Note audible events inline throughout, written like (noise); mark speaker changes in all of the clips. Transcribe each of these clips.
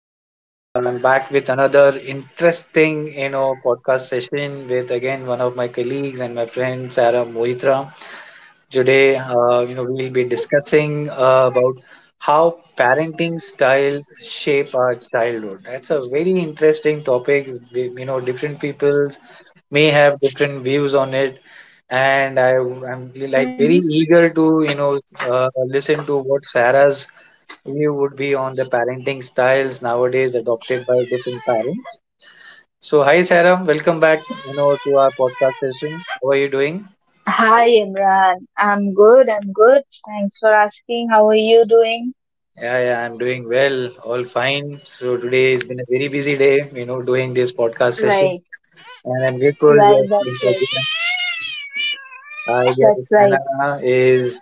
Speaker 1: and I'm back with another interesting, podcast session with again one of my colleagues and my friend Sarah Moitra. Today, we'll be discussing about how parenting styles shape our childhood. That's a very interesting topic. We, different people may have different views on it and I am like
Speaker 2: Mhm.
Speaker 1: very eager to listen to what Sarah's view would be on the parenting styles nowadays adopted by different parents. So hi Sarah, welcome back to our podcast session. How are you doing?
Speaker 2: Hi Imran, I'm good, I'm good. Thanks for asking. How are you doing?
Speaker 1: Yeah, yeah, I'm doing well, all fine. So today has been a very busy day, doing this podcast session,
Speaker 2: Right,
Speaker 1: and I'm grateful.
Speaker 2: right,
Speaker 1: Yes,
Speaker 2: that's right.
Speaker 1: I
Speaker 2: That's
Speaker 1: guess
Speaker 2: right.
Speaker 1: Hannah is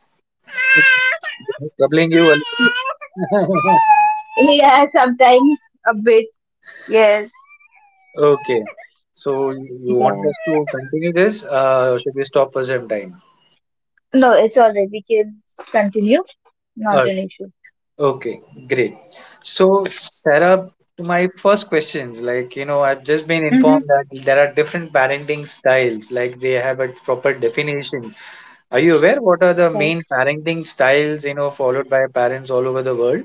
Speaker 1: troubling you a little. (laughs)
Speaker 2: Yeah, sometimes a bit. Yes.
Speaker 1: Okay. So you want
Speaker 2: Yeah.
Speaker 1: us to continue this? Should we stop for some time?
Speaker 2: No, it's alright. We can continue. Not
Speaker 1: Uh,
Speaker 2: an issue.
Speaker 1: okay, great. So, Sarah, to my first questions, like, I've just been
Speaker 2: Mm-hmm.
Speaker 1: informed that there are different parenting styles, like they have a proper definition. Are you aware what are the
Speaker 2: Right.
Speaker 1: main parenting styles, followed by parents all over the world?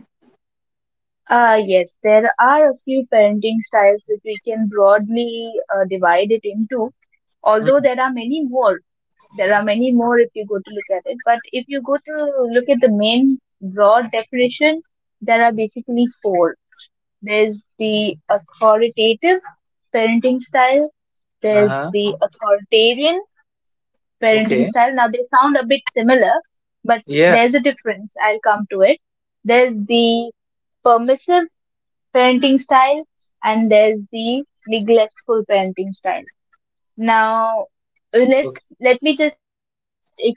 Speaker 2: Yes, there are a few parenting styles that we can broadly divide it into, although
Speaker 1: Mm.
Speaker 2: there are many more. There are many more if you go to look at it. But if you go to look at the main broad definition, there are basically four. There's the authoritative parenting style, there's
Speaker 1: Uh-huh.
Speaker 2: the authoritarian
Speaker 1: Okay.
Speaker 2: parenting style. Now they sound a bit similar, but
Speaker 1: Yeah.
Speaker 2: there's a difference. I'll come to it. There's the permissive parenting styles and there's the neglectful parenting style now
Speaker 1: Okay.
Speaker 2: let me just explain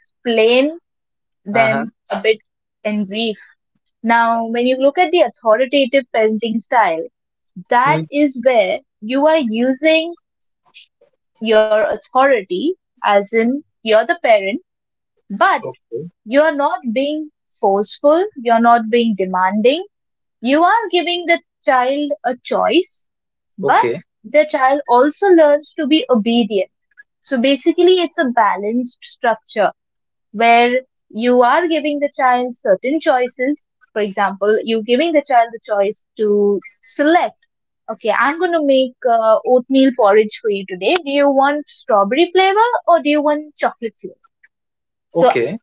Speaker 2: them a bit
Speaker 1: Uh-huh.
Speaker 2: in brief. Now when you look at the authoritative parenting style, that
Speaker 1: Mm.
Speaker 2: is where you are using your authority, as in you're the parent, but
Speaker 1: Okay.
Speaker 2: you're not being forceful, you're not being demanding. You are giving the child a choice, but
Speaker 1: Okay.
Speaker 2: the child also learns to be obedient. So basically, it's a balanced structure where you are giving the child certain choices. For example, you're giving the child the choice to select, okay, I'm going to make oatmeal porridge for you today. Do you want strawberry flavor or do you want chocolate flavor?
Speaker 1: Okay.
Speaker 2: So,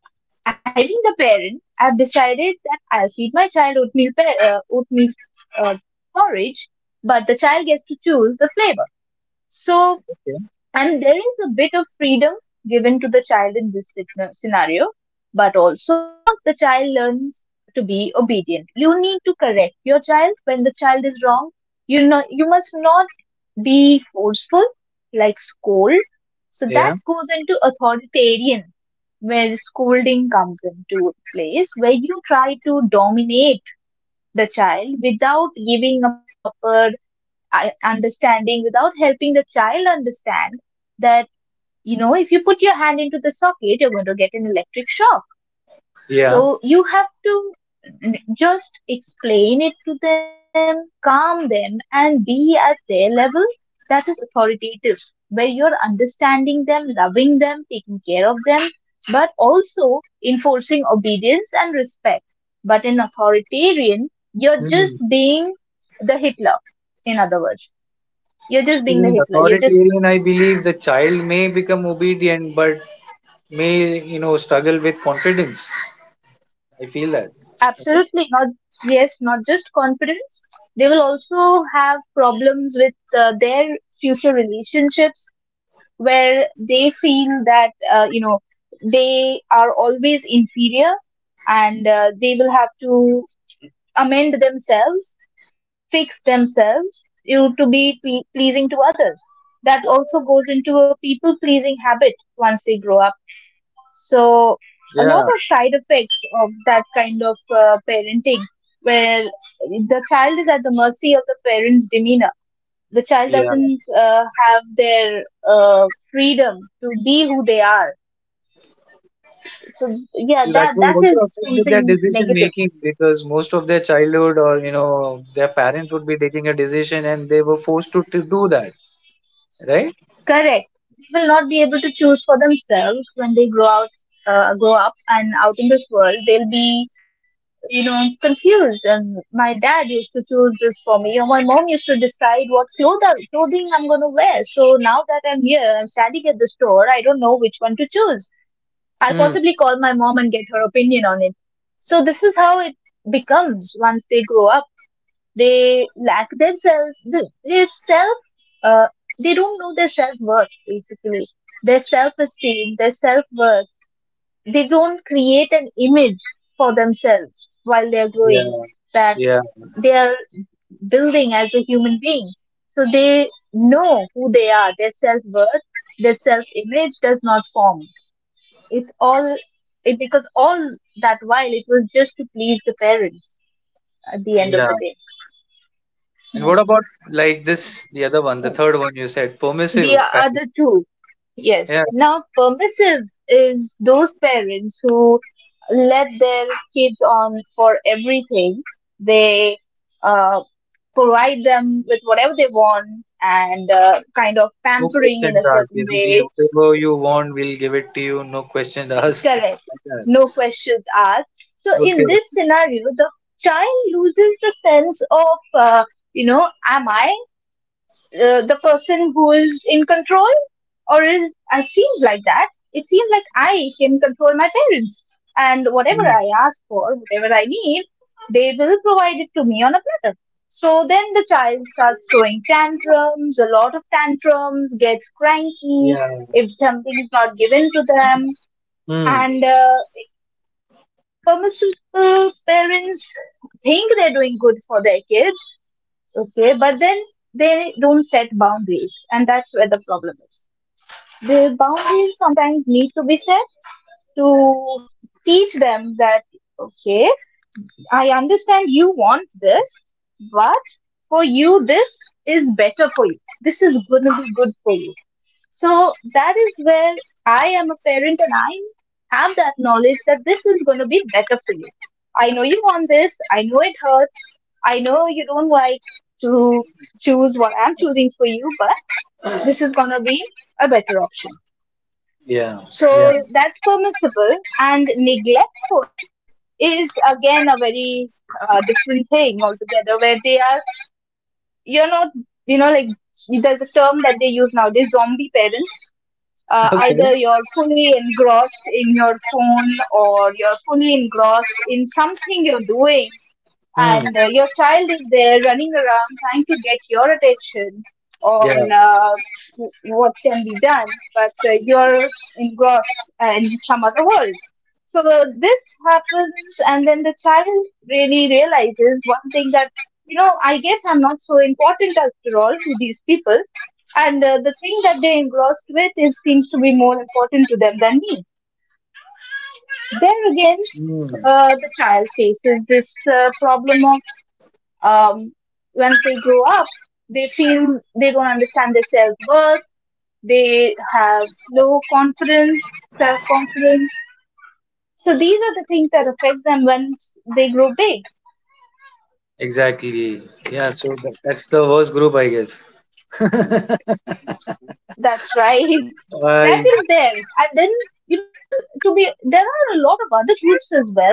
Speaker 2: I being a parent, I've decided that I'll feed my child oatmeal uh, porridge, but the child gets to choose the flavor. So,
Speaker 1: Okay.
Speaker 2: and there is a bit of freedom given to the child in this scenario, but also the child learns to be obedient. You need to correct your child when the child is wrong. You know, you must not be forceful, like scold. So that
Speaker 1: Yeah.
Speaker 2: goes into authoritarian, where scolding comes into place, where you try to dominate the child without giving a proper understanding, without helping the child understand that, you know, if you put your hand into the socket, you're going to get an electric shock.
Speaker 1: Yeah.
Speaker 2: So you have to just explain it to them, calm them, and be at their level. That is authoritative, where you're understanding them, loving them, taking care of them, but also enforcing obedience and respect. But in authoritarian, you're just
Speaker 1: Hmm.
Speaker 2: being the Hitler, in other words. You're just
Speaker 1: So
Speaker 2: being the
Speaker 1: in
Speaker 2: Hitler. You're just
Speaker 1: authoritarian, I believe the child may become obedient, but may struggle with confidence. I feel that. Right?
Speaker 2: Absolutely not. Yes, not just confidence. They will also have problems with their future relationships, where they feel that, you know, they are always inferior, and they will have to amend themselves, fix themselves, you know, to be pleasing to others. That also goes into a people pleasing habit once they grow up. So a lot
Speaker 1: Yeah,
Speaker 2: of side effects of that kind of parenting, where the child is at the mercy of the parent's demeanor. The child
Speaker 1: yeah.
Speaker 2: doesn't have their freedom to be who they are. So yeah,
Speaker 1: That
Speaker 2: that
Speaker 1: will
Speaker 2: that
Speaker 1: also affect
Speaker 2: is
Speaker 1: with their
Speaker 2: something
Speaker 1: decision making,
Speaker 2: negative.
Speaker 1: because most of their childhood or their parents would be taking a decision and they were forced to do that. Right?
Speaker 2: Correct. They will not be able to choose for themselves when they grow up, and out in this world. They'll be confused. And my dad used to choose this for me, or my mom used to decide what clothing I'm gonna wear. So now that I'm here, I'm standing at the store. I don't know which one to choose. I'll
Speaker 1: Hmm.
Speaker 2: possibly call my mom and get her opinion on it. So this is how it becomes. Once they grow up, they lack their self uh, they don't know their self worth basically, their self esteem, their self worth. They don't create an image for themselves while they are growing,
Speaker 1: Yeah.
Speaker 2: that
Speaker 1: Yeah,
Speaker 2: they are building as a human being. So they know who they are, their self worth, their self image does not form. It's all it because all that while it was just to please the parents at the end of
Speaker 1: yeah.
Speaker 2: the day.
Speaker 1: And what
Speaker 2: Right.
Speaker 1: about like this, the other one, the third one you said,
Speaker 2: The
Speaker 1: permissive passive?
Speaker 2: other two, yes. Now, permissive is those parents who let their kids on for everything. They uh, provide them with whatever they want, and kind of
Speaker 1: No
Speaker 2: pampering in
Speaker 1: questions
Speaker 2: a
Speaker 1: asked.
Speaker 2: certain
Speaker 1: Basically,
Speaker 2: way.
Speaker 1: whatever you want, we'll give it to you. No questions asked. (laughs)
Speaker 2: Correct.
Speaker 1: Like that.
Speaker 2: No questions asked. So,
Speaker 1: Okay.
Speaker 2: in this scenario, the child loses the sense of, you know, am I the person who is in control? Or is it seems like that It seems like I can control my parents, and whatever
Speaker 1: Mm.
Speaker 2: I ask for, whatever I need, they will provide it to me on a platter. So then the child starts throwing tantrums, a lot of tantrums, gets cranky
Speaker 1: Yeah.
Speaker 2: if something is not given to them.
Speaker 1: Mm.
Speaker 2: And permissible parents think they're doing good for their kids. Okay, but then they don't set boundaries, and that's where the problem is. The boundaries sometimes need to be set to teach them that, okay, I understand you want this, but for you, this is better for you. This is going to be good for you. So that is where I am a parent and I have that knowledge that this is going to be better for you. I know you want this. I know it hurts. I know you don't like to choose what I'm choosing for you, but this is going to be a better option.
Speaker 1: Yeah. Yeah.
Speaker 2: So that's permissible. And neglectful is again a very different thing altogether, where they are, you're not, you know, like, there's a term that they use nowadays, zombie parents,
Speaker 1: (laughs) Okay.
Speaker 2: either you're fully engrossed in your phone or you're fully engrossed in something you're doing,
Speaker 1: Mm.
Speaker 2: and your child is there running around trying to get your attention
Speaker 1: Yeah.
Speaker 2: on what can be done, but you're engrossed in some other world. So this happens, and then the child really realizes one thing, that, I guess I'm not so important after all to these people, and the thing that they engrossed with is seems to be more important to them than me. There again,
Speaker 1: Mm.
Speaker 2: the child faces this problem of um, once they grow up, they feel they don't understand their self worth. They have low confidence, self confidence. So these are the things that affect them once they grow big.
Speaker 1: Exactly. Yeah. So that that's the worst group, I guess. (laughs)
Speaker 2: That's right. (laughs) That
Speaker 1: I.
Speaker 2: is there. And then, you know, there are a lot of other foods as well,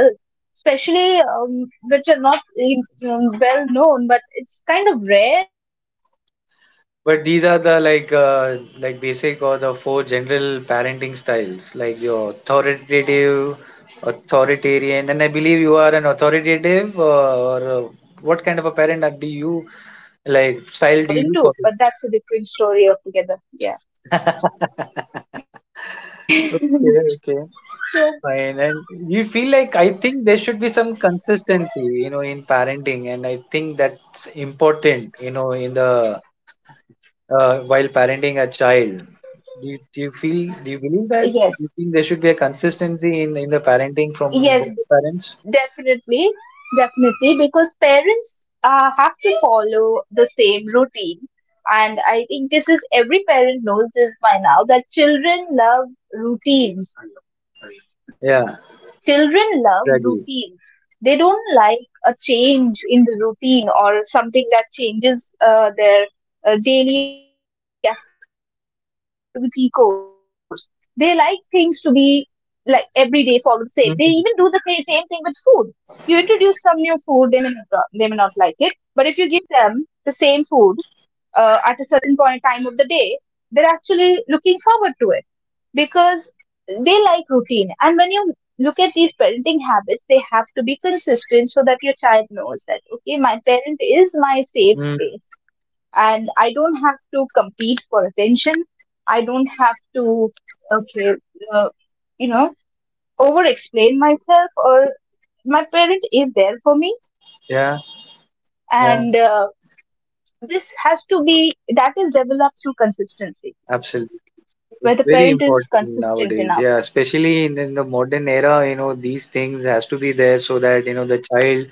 Speaker 2: especially which are not really, well known, but it's kind of rare. But nowadays it seems less
Speaker 1: But these
Speaker 2: rare.
Speaker 1: are the
Speaker 2: Like
Speaker 1: like
Speaker 2: narcissistic
Speaker 1: basic or the
Speaker 2: parents, where
Speaker 1: four
Speaker 2: parents
Speaker 1: general parenting
Speaker 2: are
Speaker 1: styles, like
Speaker 2: are
Speaker 1: your
Speaker 2: only concerned about
Speaker 1: authoritative,
Speaker 2: themselves and their
Speaker 1: authoritarian, and I believe
Speaker 2: children
Speaker 1: you
Speaker 2: are.
Speaker 1: are an authoritative
Speaker 2: There are lots
Speaker 1: or.
Speaker 2: of groups
Speaker 1: What kind
Speaker 2: apart
Speaker 1: of a
Speaker 2: from
Speaker 1: parent are-
Speaker 2: these
Speaker 1: do
Speaker 2: as well,
Speaker 1: you
Speaker 2: where different
Speaker 1: like
Speaker 2: parents
Speaker 1: style do
Speaker 2: fall
Speaker 1: you
Speaker 2: into.
Speaker 1: follow?
Speaker 2: But that's a different story altogether. Yeah.
Speaker 1: (laughs)
Speaker 2: (laughs)
Speaker 1: Okay, okay,
Speaker 2: So,
Speaker 1: fine. And you feel like I think there should be some consistency, in parenting, and I think that's important, in the while parenting a child. Do you feel? Do you believe that? Do
Speaker 2: yes,
Speaker 1: you think there should be a consistency in the parenting from
Speaker 2: yes,
Speaker 1: both the parents?
Speaker 2: definitely, definitely, because parents have to follow the same routine. And I think this is every parent knows this by now, that children love routines.
Speaker 1: Yeah,
Speaker 2: Children love routines.
Speaker 1: exactly.
Speaker 2: They don't like a change in the routine or something that changes their daily activity course. They like things to be like every day follow the same. They even do the same thing with food. You
Speaker 1: Mhm.
Speaker 2: introduce some new food, they may not like it. But if you give them the same food at a certain point time of the day, they're actually looking forward to it because they like routine. And when you look at these parenting habits, they have to be consistent so that your child knows that, okay, my parent is my safe space
Speaker 1: Mm.
Speaker 2: and I don't have to compete for attention. I don't have to, okay, uh, you know, over explain myself, or my parent is there for me.
Speaker 1: Yeah,
Speaker 2: And
Speaker 1: yeah,
Speaker 2: this has to be, that is developed through consistency,
Speaker 1: absolutely.
Speaker 2: where the parent
Speaker 1: It's
Speaker 2: is
Speaker 1: very important
Speaker 2: consistent enough.
Speaker 1: nowadays, yeah, especially in the modern era, these things has to be there so that, the child,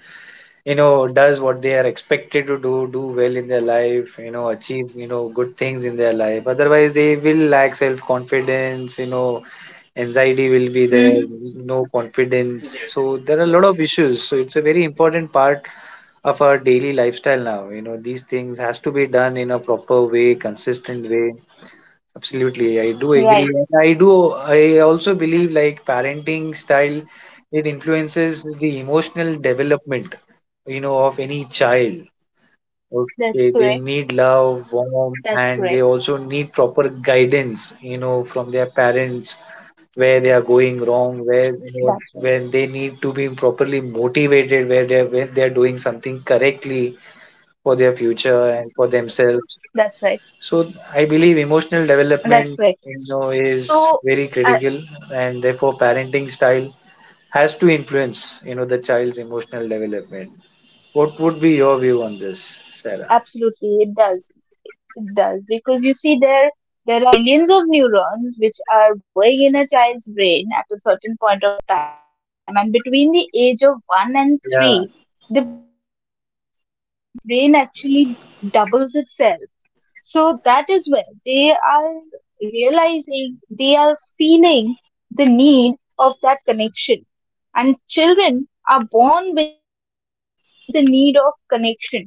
Speaker 1: does what they are expected to do, do well in their life, achieve, good things in their life. Otherwise, they will lack self-confidence,
Speaker 2: Hmm.
Speaker 1: anxiety will be there, no confidence. So there are a lot of issues. So it's a very important part of our daily lifestyle now. These things has to be done in a proper way, consistent way. Absolutely, I do agree. I do.
Speaker 2: Right.
Speaker 1: I also believe like parenting style, it influences the emotional development, of any child.
Speaker 2: That's
Speaker 1: Okay, they
Speaker 2: correct.
Speaker 1: need love, warmth,
Speaker 2: That's
Speaker 1: and they
Speaker 2: correct.
Speaker 1: also need proper guidance, from their parents, where they are going wrong, where when they
Speaker 2: That's right.
Speaker 1: need to be properly motivated, where they are when they are doing something correctly for their future and for themselves. So
Speaker 2: That's right.
Speaker 1: I believe emotional development,
Speaker 2: That's correct.
Speaker 1: is
Speaker 2: So,
Speaker 1: very
Speaker 2: uh,
Speaker 1: critical, and therefore parenting style has to influence, the child's emotional development. What would be your view on this, Sarah?
Speaker 2: absolutely, it does. It does because you see, there are millions of neurons which are growing in a child's brain at a certain point of time, and between the age of one and
Speaker 1: Yeah,
Speaker 2: three, the brain actually doubles itself. So that is where they are realizing, they are feeling the need of that connection. And children are born with the need of connection.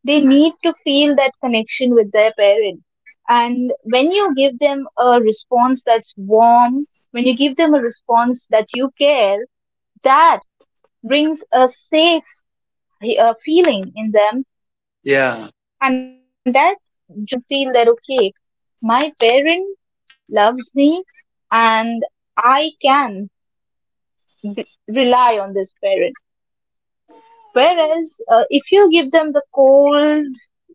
Speaker 2: They need to feel that connection with their parent. And when you give them a response that's warm, when you give them a response that you care, that brings a safe feeling in them. And that joins, you
Speaker 1: yeah.
Speaker 2: know, it has this impact in their brain, which makes them feel that, okay, my parent loves me, and I can rely on this parent. Whereas if you give them the cold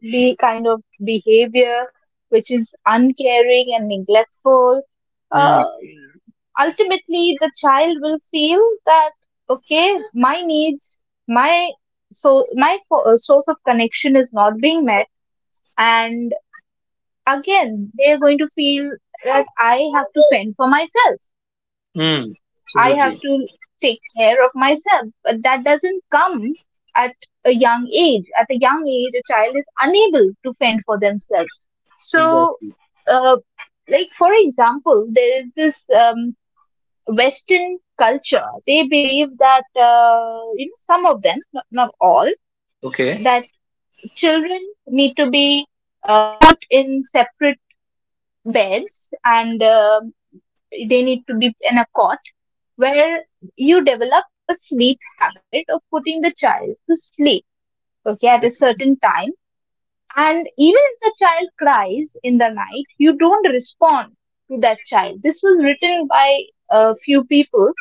Speaker 2: be kind of behavior, which is uncaring and neglectful,
Speaker 1: Mm,
Speaker 2: uh, ultimately the child will feel that okay, my needs, my my source of connection is not being met, and again they are going to feel that I have to fend for myself, I
Speaker 1: mm,
Speaker 2: have to
Speaker 1: absolutely.
Speaker 2: take care of myself. But that doesn't come at a young age. At a young age, a child is unable to fend for themselves. So,
Speaker 1: Exactly.
Speaker 2: uh, like for example, there is this Western culture. They believe that you know some of them, not all, that
Speaker 1: Okay.
Speaker 2: children need to be put in separate beds and they need to be in a cot where you develop a sleep habit of putting the child to sleep, okay, at a
Speaker 1: Okay.
Speaker 2: certain time, and even if the child cries in the night you don't respond to that child. This was written by a few people,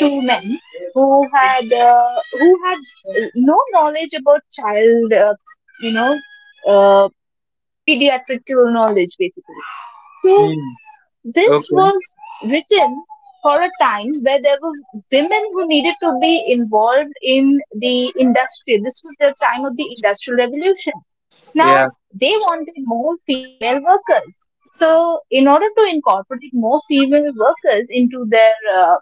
Speaker 2: two men who had no knowledge about child you know uh, pediatrical knowledge basically. So
Speaker 1: Mm,
Speaker 2: this
Speaker 1: okay.
Speaker 2: was written for a time where there were women who needed to be involved in the industry. This was the time of the Industrial Revolution.
Speaker 1: Yeah.
Speaker 2: Now, they wanted more female workers. So, in order to incorporate more female workers into their uh,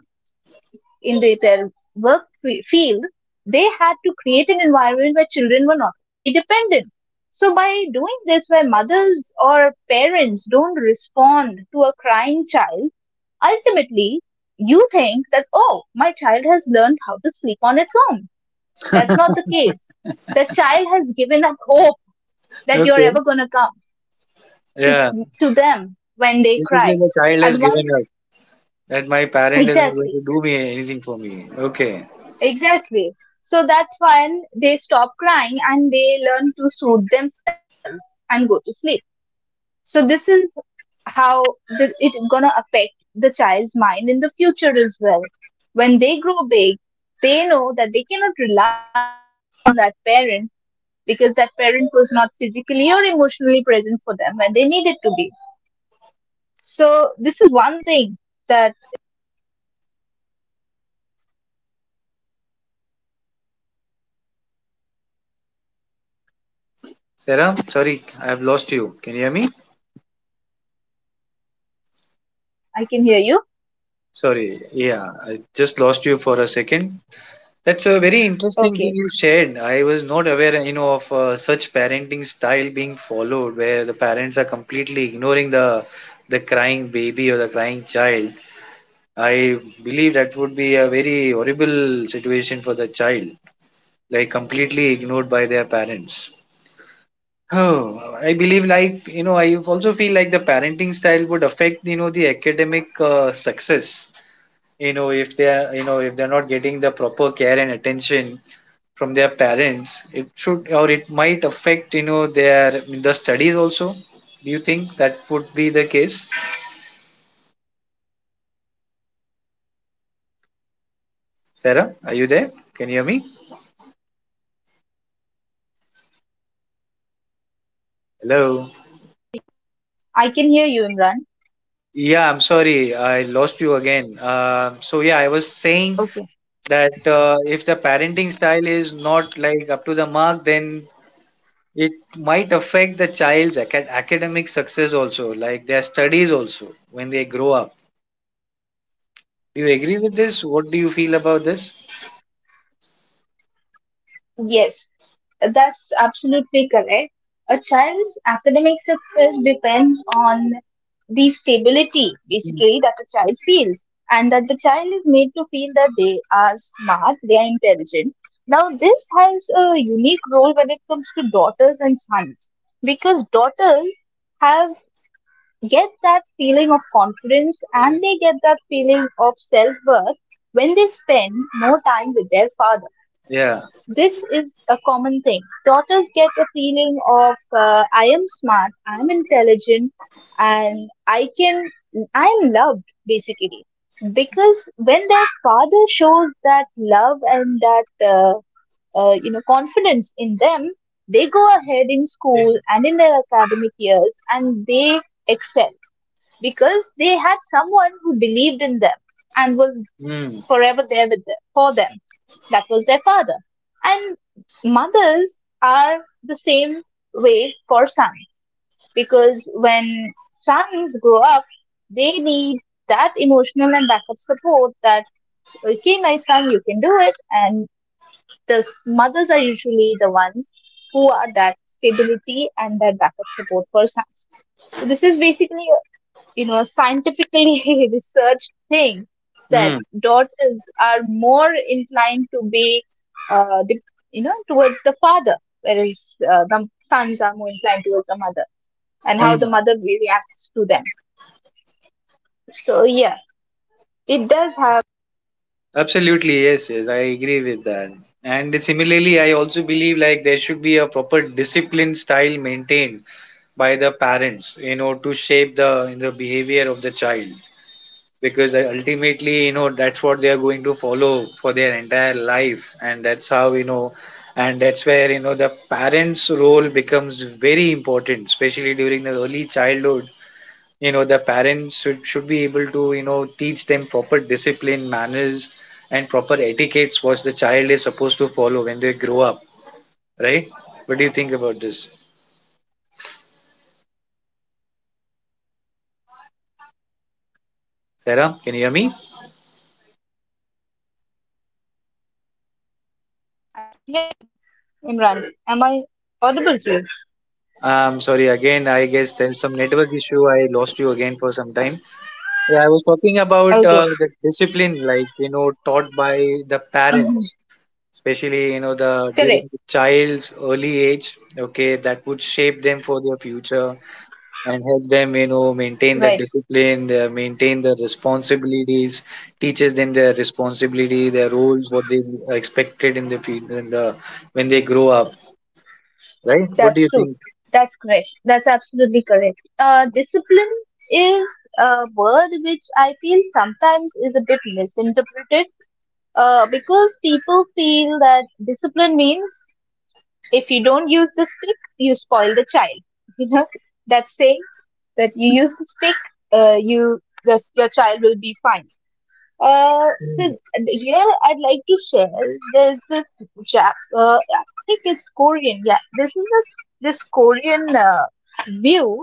Speaker 2: in the, their field, they had to create an environment where children were not very dependent. So, by doing this, where mothers or parents don't respond to a crying child, ultimately, you think that, oh, my child has learned how to sleep on its own. That's not the case. The child has given up hope that you're
Speaker 1: Okay.
Speaker 2: ever going to come to,
Speaker 1: Yeah.
Speaker 2: to them when they
Speaker 1: Basically,
Speaker 2: cry.
Speaker 1: the child
Speaker 2: At
Speaker 1: has given
Speaker 2: once,
Speaker 1: up that my parent is not going
Speaker 2: exactly,
Speaker 1: to do me anything for me. Okay.
Speaker 2: exactly. So that's when they stop crying and they learn to soothe themselves and go to sleep. So this is how it gonna affect the child's mind in the future as well. When they grow big, they know that they cannot rely on that parent because that parent was not physically or emotionally present for them when they needed to be. So this is one thing that
Speaker 1: Sarah, sorry, I have lost you. Can you hear me?
Speaker 2: I can hear you.
Speaker 1: Sorry, yeah, I just lost you for a second. That's a very interesting thing
Speaker 2: Okay,
Speaker 1: you shared. I was not aware, of such parenting style being followed, where the parents are completely ignoring the crying baby or the crying child. I believe that would be a very horrible situation for the child, like completely ignored by their parents. Oh, I believe like I also feel like the parenting style would affect the academic success. If they are if they're not getting the proper care and attention from their parents, it should or it might affect their the studies also. Do you think that would be the case? Sarah, are you there? Can you hear me? Hello.
Speaker 2: I can hear you, Imran.
Speaker 1: Yeah, I'm sorry, I lost you again. So yeah, I was
Speaker 2: Okay.
Speaker 1: saying that if the parenting style is not like up to the mark, then it might affect the child's acad- academic success also, like their studies also when they grow up. Do you agree with this? What do you feel about this?
Speaker 2: Yes, that's absolutely correct. A child's academic success depends on the stability basically that a child feels, and that the
Speaker 1: Mm.
Speaker 2: child is made to feel that they are smart, they are intelligent. Now this has a unique role when it comes to daughters and sons, because daughters have get that feeling of confidence and they get that feeling of self worth when they spend more time with their father.
Speaker 1: Yeah.
Speaker 2: This is a common thing. Daughters get a feeling of I am smart, I am intelligent, and I can, I am loved basically. Because when their father shows that love and that you know confidence in them, they go ahead in school and in their academic years and they excel because they had someone who believed in them and was
Speaker 1: Mm.
Speaker 2: forever there with them, for them. That was their father. And mothers are the same way for sons because when sons grow up, they need that emotional and backup support that, okay, my son, you can do it. And mothers are usually the ones who are that stability and that backup support for sons. So this is basically you know scientifically (laughs) researched thing that
Speaker 1: Mm.
Speaker 2: daughters are more inclined to be uh, de- you know towards the father, whereas the sons are more inclined towards the mother and how the
Speaker 1: Mm.
Speaker 2: mother reacts to them. So yeah, it does have.
Speaker 1: Absolutely. Yes. Yes. I agree with that. And similarly, I also believe like there should be a proper discipline style maintained by the parents, to shape the behavior of the child. Because ultimately, that's what they are going to follow for their entire life, and that's how and that's where the parents' role becomes very important, especially during the early childhood. The parents should be able to teach them proper discipline manners and proper etiquettes what the child is supposed to follow when they grow up, right? What do you think about this? Sarah, can you hear me?
Speaker 2: Yeah, Imran, am I audible to you?
Speaker 1: Sorry, again I guess there's some network issue, I lost you again for some time. Yeah, I was
Speaker 2: Okay.
Speaker 1: talking about the discipline like taught by
Speaker 2: Mhm.
Speaker 1: the parents, especially
Speaker 2: Correct.
Speaker 1: the during the child's early age. Okay, that would shape them for their future and help them
Speaker 2: Right.
Speaker 1: maintain the discipline, they maintain the responsibilities, teaches them their responsibility, their roles, what they are expected in the field in the when they grow up, right? What do
Speaker 2: That's
Speaker 1: you
Speaker 2: true.
Speaker 1: think?
Speaker 2: That's correct. That's absolutely correct. Discipline is a word which I feel sometimes is a bit misinterpreted, because people feel that discipline means if you don't use the stick, you spoil the child. (laughs) You know, that saying, that you use the stick, you the, your child will be fine. So
Speaker 1: Mm,
Speaker 2: here I'd like to share. There's this Jap. I think it's Korean. Yeah, this is this Korean view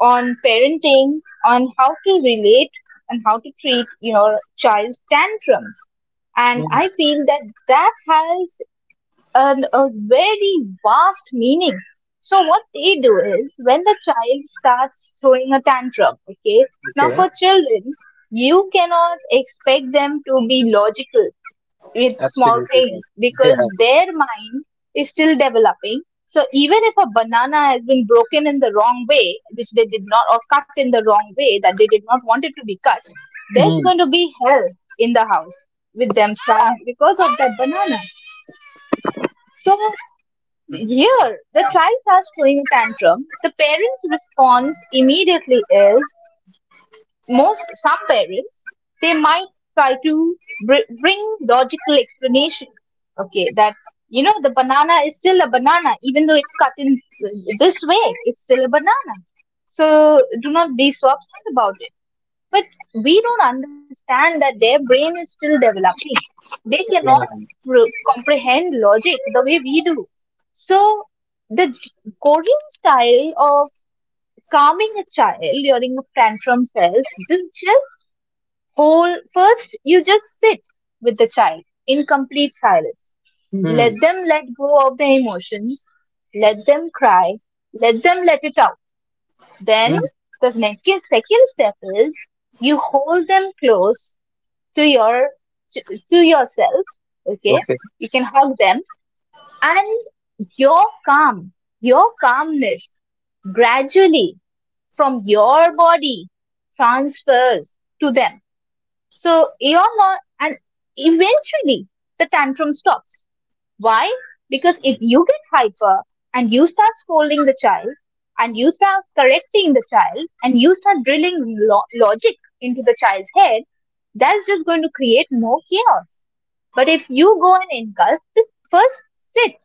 Speaker 2: on parenting, on how to relate and how to treat your child's tantrums. And
Speaker 1: mm,
Speaker 2: I feel that that has an, a very vast meaning. So what they do is when the child starts throwing a tantrum, okay? Now
Speaker 1: okay,
Speaker 2: for children, you cannot expect them to be logical with small
Speaker 1: absolutely right.
Speaker 2: things
Speaker 1: (laughs) Yeah.
Speaker 2: because their mind is still developing. So even if a banana has been broken in the wrong way, which they did not, or cut in the wrong way that they did not want it to be cut, there's
Speaker 1: Mm,
Speaker 2: going to be hell in the house with themselves because of that banana. So here, the child starts throwing a tantrum. The parents' response immediately is most some parents, they might try to bring logical explanation. Okay, that you know the banana is still a banana even though it's cut in this way. It's still a banana. So do not be so upset about it, but we don't understand that their brain is still developing. They cannot
Speaker 1: yeah.
Speaker 2: comprehend logic the way we do. So, the coding style of calming a child during a tantrum says, "Do just hold first, you just sit with the child in complete silence.
Speaker 1: Mm,
Speaker 2: Let them let go of their emotions, let them cry, let them let it out."
Speaker 1: mm,
Speaker 2: Then the next, second step is you hold them close to your to, to yourself. Okay,
Speaker 1: okay.
Speaker 2: you can hug them, and your calm, your calmness, gradually from your body transfers to them. So you're not, and eventually the tantrum stops. Why? Because if you get hyper and you start scolding the child and you start correcting the child and you start drilling logic into the child's head, that's just going to create more chaos. But if you go and engulf it, first sit,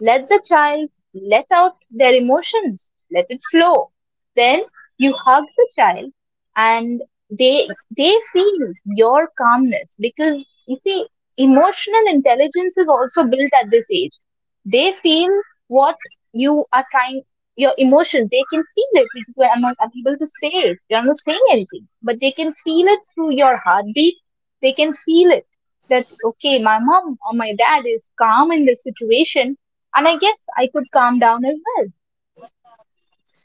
Speaker 2: let the child let out their emotions, let it flow. Then you hug the child, and they feel your calmness, because you see emotional intelligence is also built at this age. They feel what you are trying, your emotions, they can feel it. Because you are not able to say it. You are not saying anything, but they can feel it through your heartbeat. They can feel it that, okay, my mom or my dad is calm in this situation, and I guess I could calm down as well.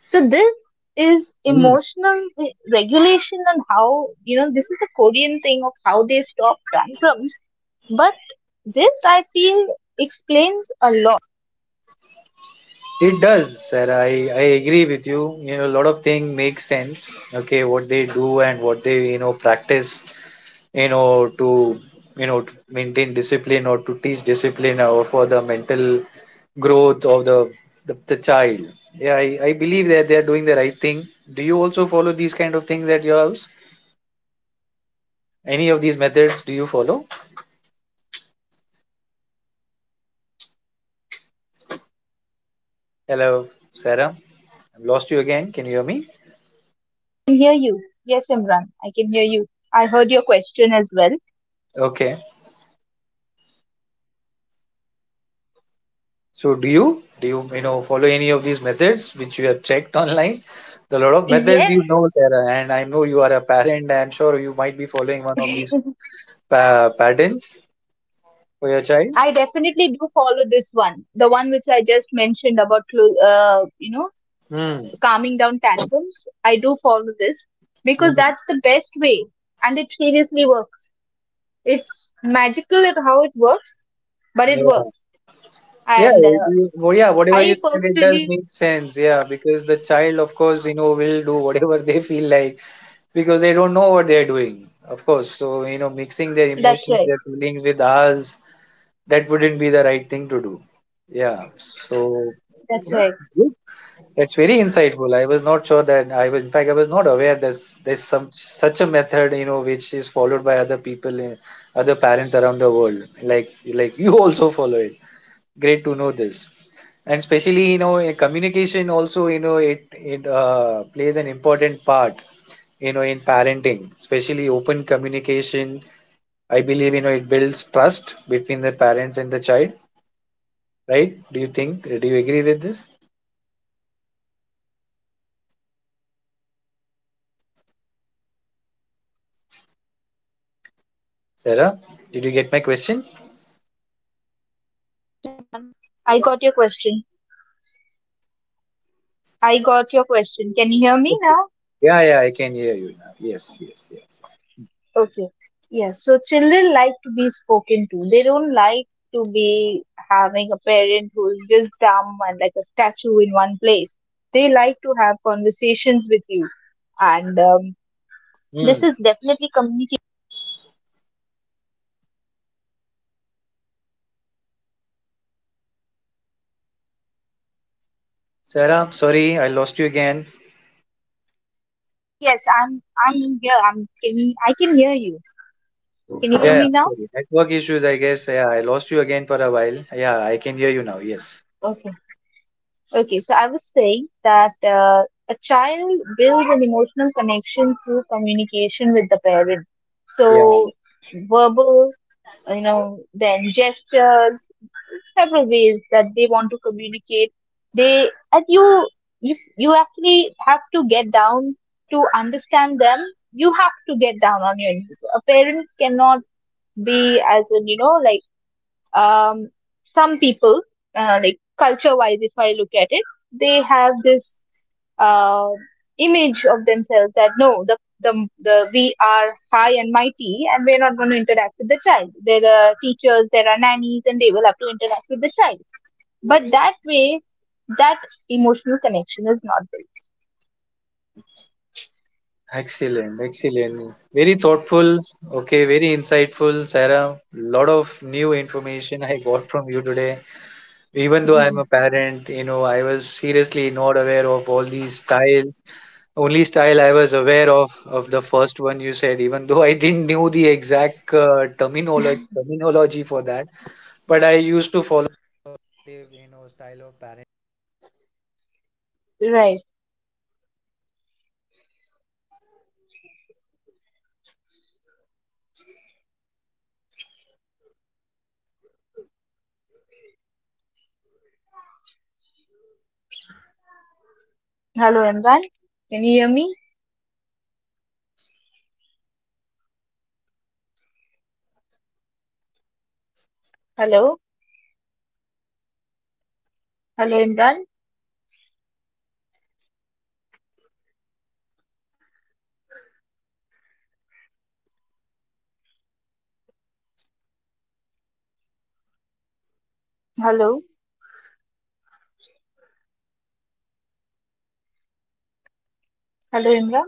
Speaker 2: So this is
Speaker 1: Mm.
Speaker 2: emotional regulation, and how you know this is the Korean thing of how they stop tantrums, but this, I feel, explains a lot.
Speaker 1: It does, sir. I agree with you. You know, a lot of things make sense. Okay, what they do and what they practice. To to maintain discipline or to teach discipline or for the mental growth of the child. Yeah, I believe that they are doing the right thing. Do you also follow these kind of things at your house? Any of these methods do you follow? Hello, Sarah. I've lost you again. Can you hear me?
Speaker 2: I can hear you. Yes, Imran, I can hear you. I heard your question as well.
Speaker 1: Okay. So do you you know follow any of these methods which you have checked online? The lot of
Speaker 2: Yes,
Speaker 1: methods, Sarah, and I know you are a parent. I'm sure you might be following one of
Speaker 2: (laughs)
Speaker 1: these pa- patterns for your child.
Speaker 2: I definitely do follow this one. The one which I just mentioned about, you know,
Speaker 1: Hmm.
Speaker 2: calming down tantrums. I do follow this because
Speaker 1: Hmm.
Speaker 2: that's the best way, and it seriously works. It's magical at how it works, but it
Speaker 1: Yeah.
Speaker 2: works.
Speaker 1: Yeah.
Speaker 2: And
Speaker 1: It- you- well, yeah. Whatever you
Speaker 2: I
Speaker 1: said, it does
Speaker 2: personally,
Speaker 1: make sense. Yeah, because the child, of course, will do whatever (laughs) they feel like, because they don't know what they are doing. Of course, so mixing their emotions,
Speaker 2: that's
Speaker 1: their
Speaker 2: right,
Speaker 1: feelings with ours, that wouldn't be the right thing to do. Yeah. So yeah,
Speaker 2: that's
Speaker 1: good.
Speaker 2: right.
Speaker 1: That's very insightful. I was not sure that I was, in fact, I was not aware that there's some such a method, which is followed by other people, in- other parents around the world. Like you also follow it. Great to know this. And especially, in communication also, it it plays an important part, in parenting. Especially open communication. I believe, it builds trust between the parents and the child, right? Do you think? Do you agree with this, Sarah? Did you get my question?
Speaker 2: I got your question. I got your question. Can you hear me now?
Speaker 1: Yeah, yeah, I can hear you now. Yes, yes, yes.
Speaker 2: Okay. Yes. So children like to be spoken to. They don't like to be having a parent who is just dumb and like a statue in one place. They like to have conversations with you, and
Speaker 1: Hmm.
Speaker 2: this is definitely communication.
Speaker 1: Sarah, sorry, I lost you again.
Speaker 2: Yes, I'm here. I'm. Can you, I can hear you. Can you hear me
Speaker 1: Yeah, yeah,
Speaker 2: now?
Speaker 1: sorry. Network issues, I guess. Yeah, I lost you again for a while. Yeah, I can hear you now. Yes.
Speaker 2: Okay. Okay, so I was saying that a child builds an emotional connection through communication with the parent.
Speaker 1: Yeah,
Speaker 2: So, verbal, you know, then gestures, several ways that they want to communicate. They and you actually have to get down to understand them. You have to get down on your knees. A parent cannot be as in you know like um, some people, like culture wise, if I
Speaker 1: yeah.
Speaker 2: look at it, they have this uh, image of themselves that no, the we are high and mighty and we're not going to interact with the child. There are teachers, there are nannies, and they will have to interact with the child. But that way, that emotional connection is not built.
Speaker 1: Excellent, excellent. Very thoughtful. Okay, very insightful, Sarah. Lot of new information I got from you today. Even though I'm a parent, I was seriously not aware of all these styles. Only style I was aware of the first one you said, even though I didn't know the exact terminology for that, but I used to follow
Speaker 2: Right. Hello, Imran. Can you hear me? Hello. Hello, Imran. Hello. Hello, Imran.